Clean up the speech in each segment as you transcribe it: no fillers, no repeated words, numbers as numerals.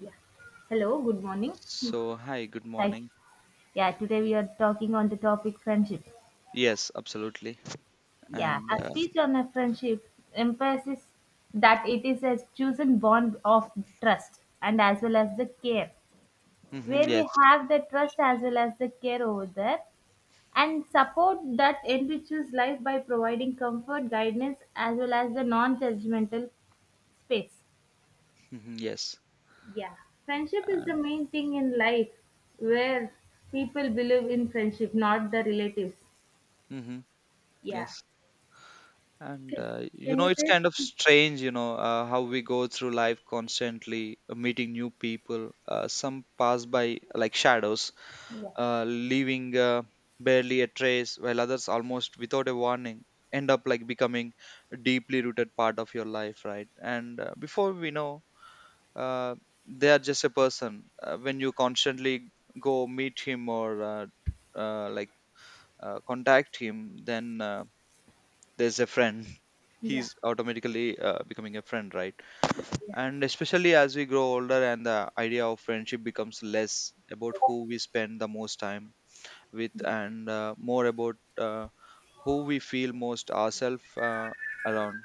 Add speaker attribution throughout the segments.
Speaker 1: Yeah. Hello, good morning.
Speaker 2: So, hi, good
Speaker 1: Hi.
Speaker 2: morning.
Speaker 1: Yeah, today we are talking on the topic friendship.
Speaker 2: Yes, absolutely.
Speaker 1: Yeah,
Speaker 2: And
Speaker 1: a speech on a friendship emphasizes that it is a chosen bond of trust and as well as the care,
Speaker 2: mhm,
Speaker 1: where we
Speaker 2: yes,
Speaker 1: have the trust as well as the care over there and support that enriches life by providing comfort, guidance, as well as the non judgmental space.
Speaker 2: mhm, yes,
Speaker 1: Yeah, friendship is the
Speaker 2: and
Speaker 1: main thing in life where people believe in friendship, not the relatives.
Speaker 2: mhm, yes.
Speaker 1: Yeah.
Speaker 2: And
Speaker 1: Okay.
Speaker 2: you
Speaker 1: Can
Speaker 2: know,
Speaker 1: you
Speaker 2: it's
Speaker 1: say?
Speaker 2: kind of strange, how we go through life constantly meeting new people. Some pass by like shadows,
Speaker 1: Yeah.
Speaker 2: leaving barely a trace, while others almost without a warning end up like becoming a deeply rooted part of your life, right? And before we know, uh, they are just a person when you constantly go meet him or uh, like contact him, then there's a friend.
Speaker 1: Yeah.
Speaker 2: He's automatically becoming a friend, right?
Speaker 1: Yeah.
Speaker 2: And especially as we grow older, and the idea of friendship becomes less about who we spend the most time with and more about who we feel most ourselves around,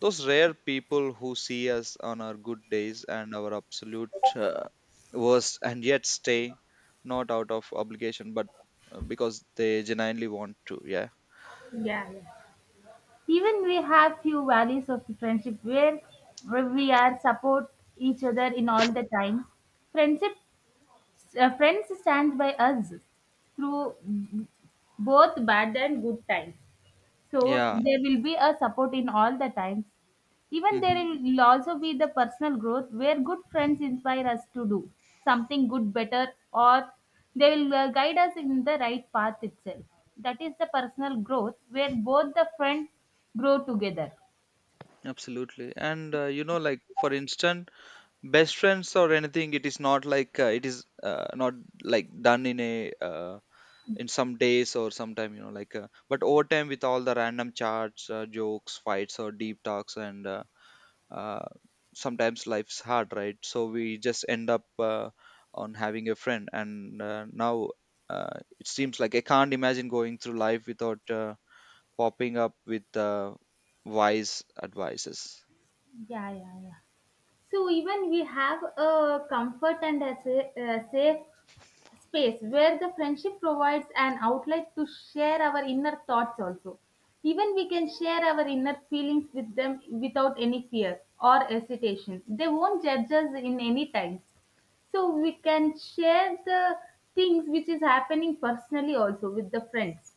Speaker 2: those rare people who see us on our good days and our absolute worst and yet stay, not out of obligation, but because they genuinely want to. Yeah.
Speaker 1: Yeah, yeah. Even we have few values of friendship where we are support each other in all the time. Friendship, friends stand by us through both bad and good times. So
Speaker 2: Yeah.
Speaker 1: there will be a support in all the times. Even there
Speaker 2: Hmm.
Speaker 1: will also be the personal growth where good friends inspire us to do something good, better, or they will guide us in the right path itself. That is the personal growth where both the friends grow together.
Speaker 2: Absolutely. And, you know, like, for instance, best friends or anything, it is not like, it is not like done in a. In some days or sometime, you know, like but over time with all the random chats, jokes, fights or deep talks, and uh, sometimes life's hard, right? So we just end up on having a friend. And now it seems like I can't imagine going through life without popping up with wise advices.
Speaker 1: Yeah, yeah, yeah. So even we have a comfort and a a safe space where the friendship provides an outlet to share our inner thoughts also. Even we can share our inner feelings with them without any fear or hesitation. They won't judge us in any time, so we can share the things which is happening personally also with the friends.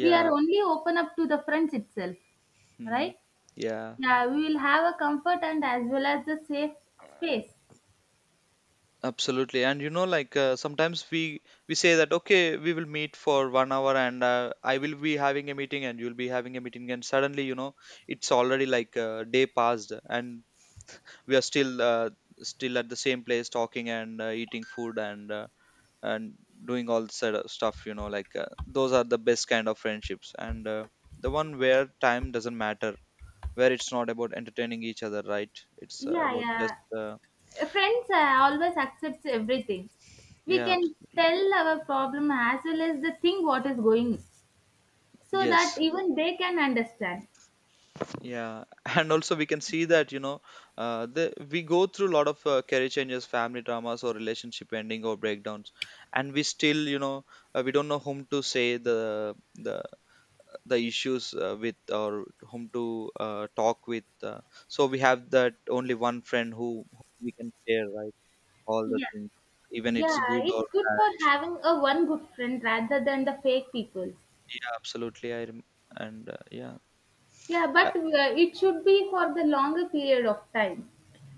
Speaker 1: We are only open up to the friends itself,
Speaker 2: Hmm.
Speaker 1: right?
Speaker 2: Yeah.
Speaker 1: Yeah, we will have a comfort and as well as the safe space.
Speaker 2: Absolutely, and you know, like sometimes we say that, okay, we will meet for 1 hour, and I will be having a meeting, and you'll be having a meeting, and suddenly, you know, it's already like a day passed, and we are still still at the same place talking and eating food and doing all sort of stuff. You know, like those are the best kind of friendships, and the one where time doesn't matter, where it's not about entertaining each other, right? It's
Speaker 1: Yeah,
Speaker 2: about just
Speaker 1: yeah. Friends always accepts everything. We
Speaker 2: yeah,
Speaker 1: can
Speaker 2: absolutely,
Speaker 1: tell our problem as well as the thing what is going, so that
Speaker 2: yes.
Speaker 1: even they can understand.
Speaker 2: Yeah. And also we can see that, you know, we go through a lot of career changes, family dramas or relationship ending or breakdowns, and we still, you know, we don't know whom to say the issues with or whom to talk with, so we have that only one friend, who we can share, right, all the
Speaker 1: Yeah,
Speaker 2: things, even
Speaker 1: yeah.
Speaker 2: it's good or
Speaker 1: It's good for
Speaker 2: bad.
Speaker 1: having a one good friend rather than the fake people.
Speaker 2: Yeah, absolutely, I and yeah.
Speaker 1: Yeah,
Speaker 2: I,
Speaker 1: but it should be for the longer period of time.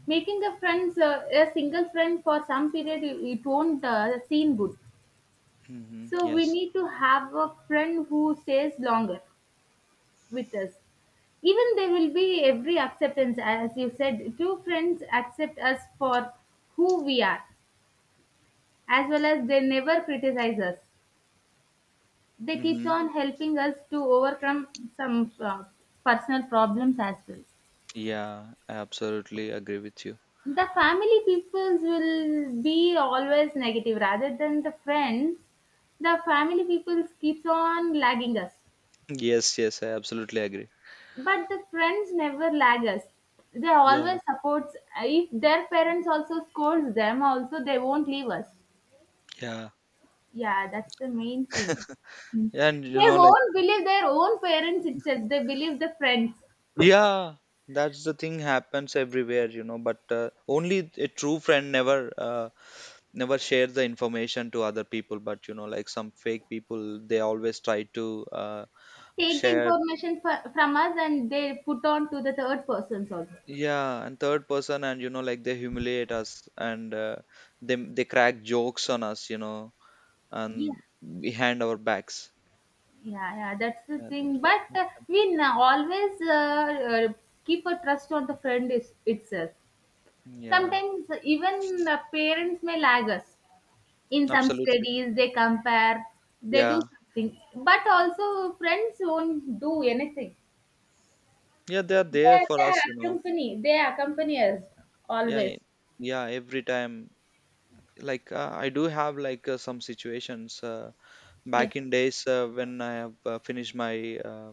Speaker 1: Making a friends a single friend for some period, it won't seem good.
Speaker 2: hmm,
Speaker 1: So we
Speaker 2: yes,
Speaker 1: need to have a friend who stays longer with us. Even there will be every acceptance, as you said, two friends accept us for who we are, as well as they never criticize us. They keeps
Speaker 2: hmm,
Speaker 1: on helping us to overcome some personal problems as well.
Speaker 2: yeah, I absolutely agree with you.
Speaker 1: The family peoples will be always negative rather than the friends. The family peoples keeps on lagging us.
Speaker 2: Yes, yes, I absolutely agree.
Speaker 1: But the friends never lag us. They
Speaker 2: Yeah,
Speaker 1: always supports. If their parents also scolds them, also they won't leave us.
Speaker 2: yeah,
Speaker 1: Yeah, that's the main thing.
Speaker 2: yeah, and you
Speaker 1: They
Speaker 2: know, like,
Speaker 1: won't believe their own parents itself. They believe the friends.
Speaker 2: yeah, that's the thing happens everywhere, you know. But only a true friend never, never share the information to other people. But you know, like some fake people, they always try to
Speaker 1: Take the
Speaker 2: share.
Speaker 1: information from us and they put on to the third persons also.
Speaker 2: Yeah, and third person, and you know, like they humiliate us, and they crack jokes on us, you know,
Speaker 1: Yeah,
Speaker 2: and behind our backs.
Speaker 1: yeah, yeah. That's the
Speaker 2: Yeah,
Speaker 1: thing.
Speaker 2: that's what
Speaker 1: But
Speaker 2: happened.
Speaker 1: we always uh, keep a trust on the friend is, itself.
Speaker 2: Yeah,
Speaker 1: Sometimes even parents may lag us. In some
Speaker 2: absolutely.
Speaker 1: studies they compare, they do
Speaker 2: Yeah.
Speaker 1: something, but also friends won't do anything.
Speaker 2: Yeah, they are there
Speaker 1: they,
Speaker 2: for
Speaker 1: they
Speaker 2: us, you know.
Speaker 1: accompany, they accompany us
Speaker 2: Yeah,
Speaker 1: always.
Speaker 2: yeah. Every time, like I do have like some situations
Speaker 1: Yeah,
Speaker 2: back in days when I have finished my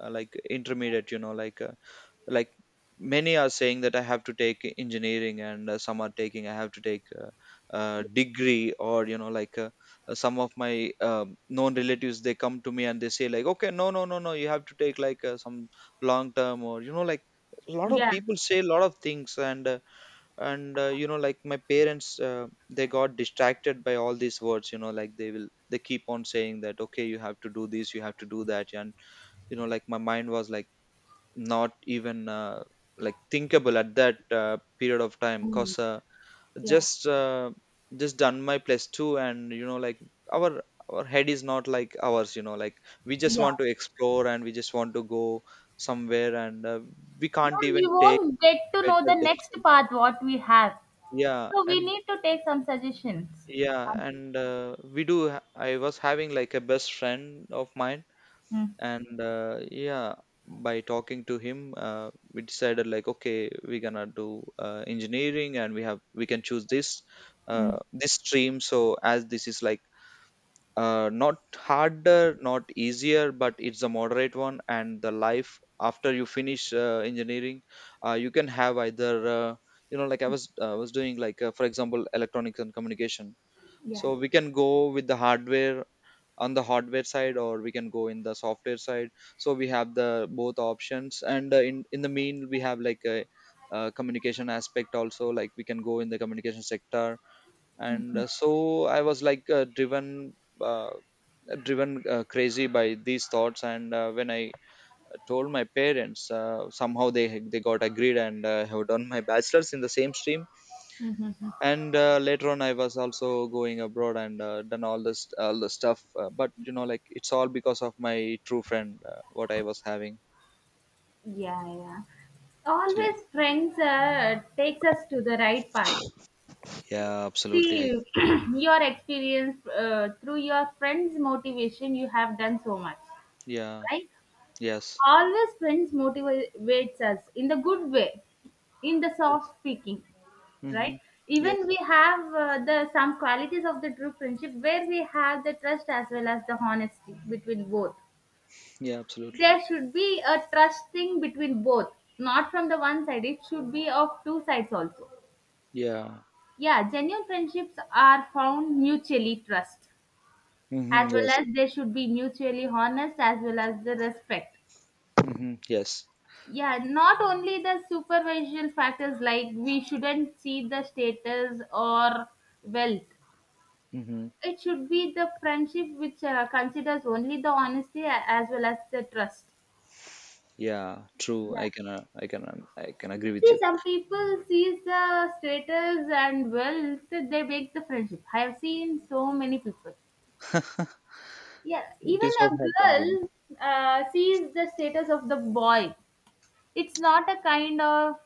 Speaker 2: like intermediate, you know, like many are saying that I have to take engineering, and some are taking I have to take a degree or you know like some of my known relatives, they come to me and they say like, okay, no, no, no, no, you have to take like some long term or you know like a lot of
Speaker 1: yeah.
Speaker 2: people say a lot of things, and you know like my parents, they got distracted by all these words, you know, like they keep on saying that, okay, you have to do this, you have to do that. And you know like my mind was like not even like thinkable at that period of time,
Speaker 1: Mm.
Speaker 2: cause
Speaker 1: Yeah,
Speaker 2: just uh, just done my plus two, and you know like our our head is not like ours, you know, like we just
Speaker 1: yeah.
Speaker 2: want to explore and we just want to go somewhere, and we
Speaker 1: No,
Speaker 2: can't
Speaker 1: we
Speaker 2: even take
Speaker 1: won't get to know
Speaker 2: better
Speaker 1: the next
Speaker 2: decisions,
Speaker 1: path what we have,
Speaker 2: yeah.
Speaker 1: so we
Speaker 2: And
Speaker 1: need to take some suggestions.
Speaker 2: yeah,
Speaker 1: Okay.
Speaker 2: and I was having like a best friend of mine,
Speaker 1: Mm.
Speaker 2: and yeah, by talking to him we decided like, okay, we're gonna do engineering, and we can choose this
Speaker 1: Mm.
Speaker 2: this stream. So as this is like not harder not easier, but it's a moderate one. And the life after you finish engineering, you can have either you know like I was doing like for example electronics and communication.
Speaker 1: Yeah,
Speaker 2: So we can go with the hardware on the hardware side or we can go in the software side. So we have the both options, and in the mean we have like a communication aspect also, like we can go in the communication sector. And so I was like uh, driven crazy by these thoughts, and when I told my parents, somehow they got agreed, and have done my bachelor's in the same stream. And later on I was also going abroad, and done all the stuff, but you know like it's all because of my true friend, what I was having.
Speaker 1: yeah, yeah.
Speaker 2: Gee.
Speaker 1: Always friends takes us to the right path.
Speaker 2: Yeah, absolutely, I,
Speaker 1: See, your experience through your friends' motivation, you have done so much,
Speaker 2: yeah,
Speaker 1: right?
Speaker 2: yes,
Speaker 1: Always friends motivates us in the good way, in the
Speaker 2: yes,
Speaker 1: soft speaking, right?
Speaker 2: mm-hmm,
Speaker 1: Even
Speaker 2: yes,
Speaker 1: we have the some qualities of the true friendship where we have the trust as well as the honesty between both.
Speaker 2: yeah, absolutely,
Speaker 1: There should be a trust thing between both, not from the one side. It should be of two sides also.
Speaker 2: yeah,
Speaker 1: Yeah, genuine friendships are found mutually trust, as
Speaker 2: mm-hmm,
Speaker 1: well
Speaker 2: yes,
Speaker 1: as they should be mutually honest as well as the respect.
Speaker 2: mm-hmm, yes,
Speaker 1: Yeah, not only the supervision factors. Like, we shouldn't see the status or wealth.
Speaker 2: mm-hmm.
Speaker 1: It should be the friendship which considers only the honesty as well as the trust.
Speaker 2: Yeah, true.
Speaker 1: Yeah,
Speaker 2: I can agree with
Speaker 1: see,
Speaker 2: you.
Speaker 1: some people sees the status and wealth, they break the friendship. I have seen so many people. Yeah,
Speaker 2: It
Speaker 1: even
Speaker 2: is
Speaker 1: a
Speaker 2: what happens, you know.
Speaker 1: girl sees the status of the boy. It's not a kind of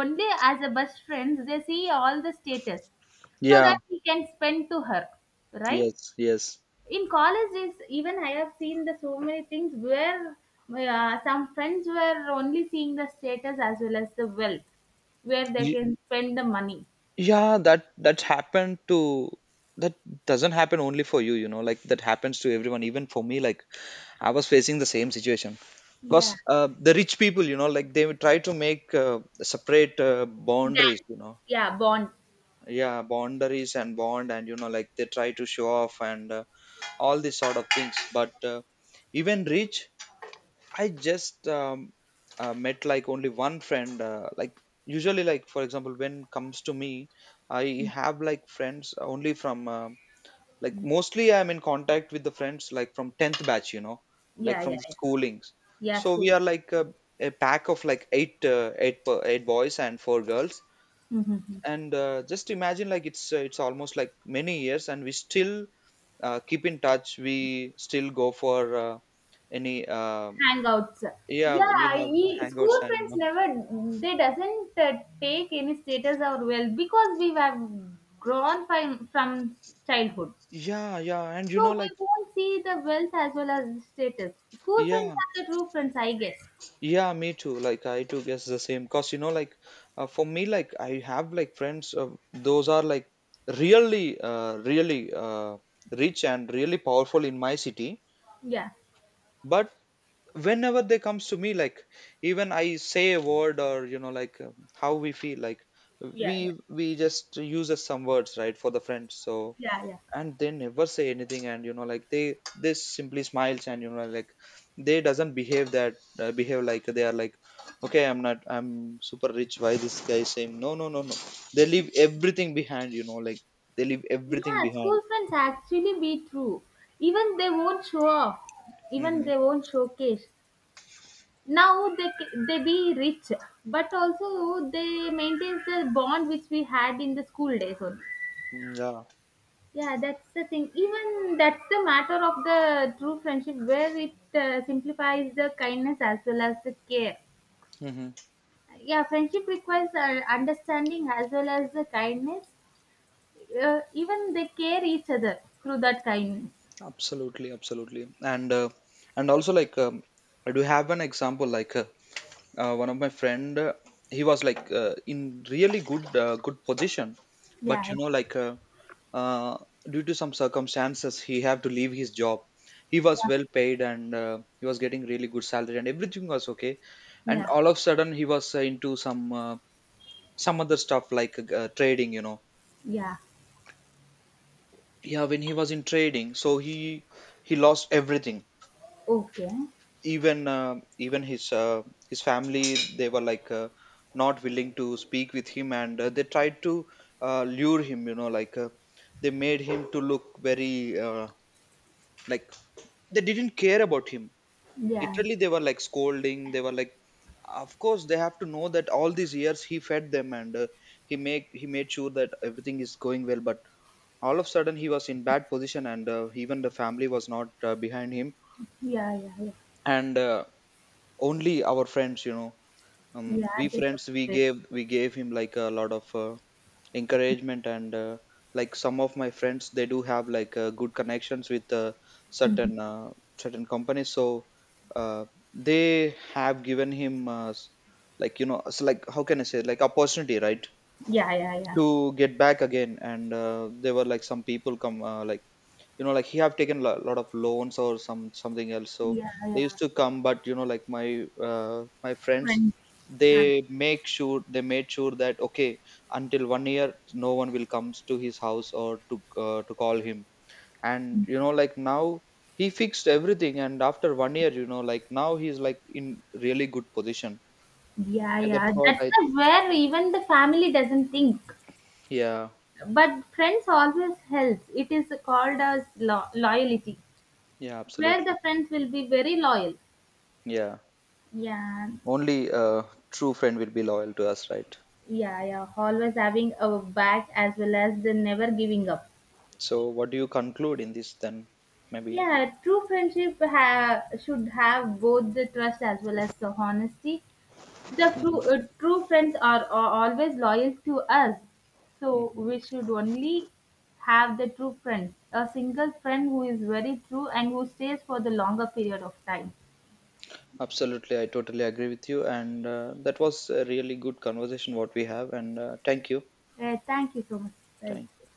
Speaker 1: only as a best friends, they see all the status so
Speaker 2: Yeah,
Speaker 1: that he can spend to her, right?
Speaker 2: yes, yes,
Speaker 1: In college, is even I have seen the so many things where some friends were only seeing the status as well as the wealth, where they can spend the money.
Speaker 2: yeah, that doesn't happen only for you, you know, like that happens to everyone, even for me, like I was facing the same situation, because
Speaker 1: Yeah.
Speaker 2: the rich people, you know, like they would try to make separate boundaries,
Speaker 1: Then,
Speaker 2: you know,
Speaker 1: yeah, bond.
Speaker 2: yeah, boundaries and bond, and you know like they try to show off, and all these sort of things, but even rich, I just met like only one friend. Like usually, like for example, when comes to me, I have like friends only from like mostly I'm in contact with the friends like from tenth batch, you know, like
Speaker 1: Yeah, yeah,
Speaker 2: from the
Speaker 1: yeah.
Speaker 2: schoolings.
Speaker 1: Yeah,
Speaker 2: So we
Speaker 1: school.
Speaker 2: are like a pack of like eight, eight boys and four girls.
Speaker 1: Mm-hmm.
Speaker 2: And just imagine like it's almost like many years, and we still keep in touch. We still go for any
Speaker 1: Hangouts.
Speaker 2: yeah, we have
Speaker 1: School
Speaker 2: hangouts and you
Speaker 1: friends
Speaker 2: know.
Speaker 1: never, they doesn't take any status or well, because we have grown from childhood,
Speaker 2: Yeah, yeah, and you know,
Speaker 1: so
Speaker 2: like,
Speaker 1: we won't see the wealth as well as the status. School friends
Speaker 2: yeah,
Speaker 1: are the true friends, I guess.
Speaker 2: yeah, me too. Like, I too guess the same. Cause you know, like, for me, like, I have like friends. Those are like really, rich and really powerful in my city.
Speaker 1: Yeah,
Speaker 2: But whenever they comes to me, like, even I say a word or you know, like, how we feel, like,
Speaker 1: yeah, yeah.
Speaker 2: we just uses some words, right, for the friends. So,
Speaker 1: Yeah, yeah,
Speaker 2: and they never say anything, and you know like they simply smiles, and you know like they doesn't behave that behave like they are like, okay, I'm not, I'm super rich, why this guy saying, no, no, no, no, they leave everything behind, you know, like they leave everything
Speaker 1: yeah. School
Speaker 2: behind.
Speaker 1: friends actually be true. Even they won't show off, even
Speaker 2: Hmm.
Speaker 1: they won't showcase. Now they they be rich, but also they maintains the bond which we had in the school days only.
Speaker 2: Yeah.
Speaker 1: Yeah, that's the thing. Even that's the matter of the true friendship, where it simplifies the kindness as well as the care.
Speaker 2: Hmm.
Speaker 1: Yeah, friendship requires understanding as well as the kindness. Even they care each other through that kindness.
Speaker 2: Absolutely, absolutely. And and also like I do have an example like one of my friend, he was like in really good good position.
Speaker 1: Yeah,
Speaker 2: But
Speaker 1: yeah,
Speaker 2: you know like uh, due to some circumstances, he had to leave his job. He was
Speaker 1: yeah.
Speaker 2: well paid, and he was getting really good salary, and everything was okay. And
Speaker 1: Yeah,
Speaker 2: all of a sudden he was into some other stuff like trading, you know,
Speaker 1: yeah.
Speaker 2: yeah, when he was in trading, so he lost everything.
Speaker 1: Okay.
Speaker 2: Even even his family, they were like not willing to speak with him, and they tried to lure him, you know, like they made him to look very like they didn't care about him.
Speaker 1: Yeah,
Speaker 2: Literally they were like scolding, they were like, of course they have to know that all these years he fed them, and he made sure that everything is going well. But all of a sudden he was in bad position, and even the family was not behind him.
Speaker 1: yeah, yeah, yeah,
Speaker 2: And only our friends, you know,
Speaker 1: yeah.
Speaker 2: we
Speaker 1: That's
Speaker 2: friends, we
Speaker 1: about
Speaker 2: gave we gave him like a lot of encouragement. And like some of my friends, they do have like good connections with
Speaker 1: it.
Speaker 2: certain certain companies. So uh, they have given him like you know, so like how can I say like opportunity, right,
Speaker 1: Yeah, yeah, yeah.
Speaker 2: to get back again. And there were like some people come like you know like he have taken a lot of loans or some something else, so
Speaker 1: Yeah,
Speaker 2: they
Speaker 1: yeah.
Speaker 2: used to come. But you know like my friends,
Speaker 1: Friends. Um.
Speaker 2: they make sure, they made sure that, okay, until 1 year no one will comes to his house or to call him. And you know like now he fixed everything, and after 1 year, you know like now he's like in really good position.
Speaker 1: Yeah,
Speaker 2: Yeah, that's
Speaker 1: yeah.
Speaker 2: what
Speaker 1: That's
Speaker 2: I,
Speaker 1: the where even the family doesn't think.
Speaker 2: yeah,
Speaker 1: But friends always help. It is called as loyalty,
Speaker 2: yeah,
Speaker 1: where
Speaker 2: absolutely,
Speaker 1: the friends will be very loyal.
Speaker 2: yeah,
Speaker 1: Yeah.
Speaker 2: only a true friend will be loyal to us, right?
Speaker 1: Yeah, yeah. Always having a back as well as the never giving up.
Speaker 2: So, what do you conclude in this then? Maybe.
Speaker 1: Yeah, true friendship should have both the trust as well as the honesty. The true,
Speaker 2: Mhm,
Speaker 1: true friends are always loyal to us. So
Speaker 2: mhm.
Speaker 1: we should only have the true friend, a single friend who is very true and who stays for the longer period of time.
Speaker 2: Absolutely, I totally agree with you. And that was a really good conversation what we have. And thank you.
Speaker 1: Thank you so much. Right.
Speaker 2: Thank you.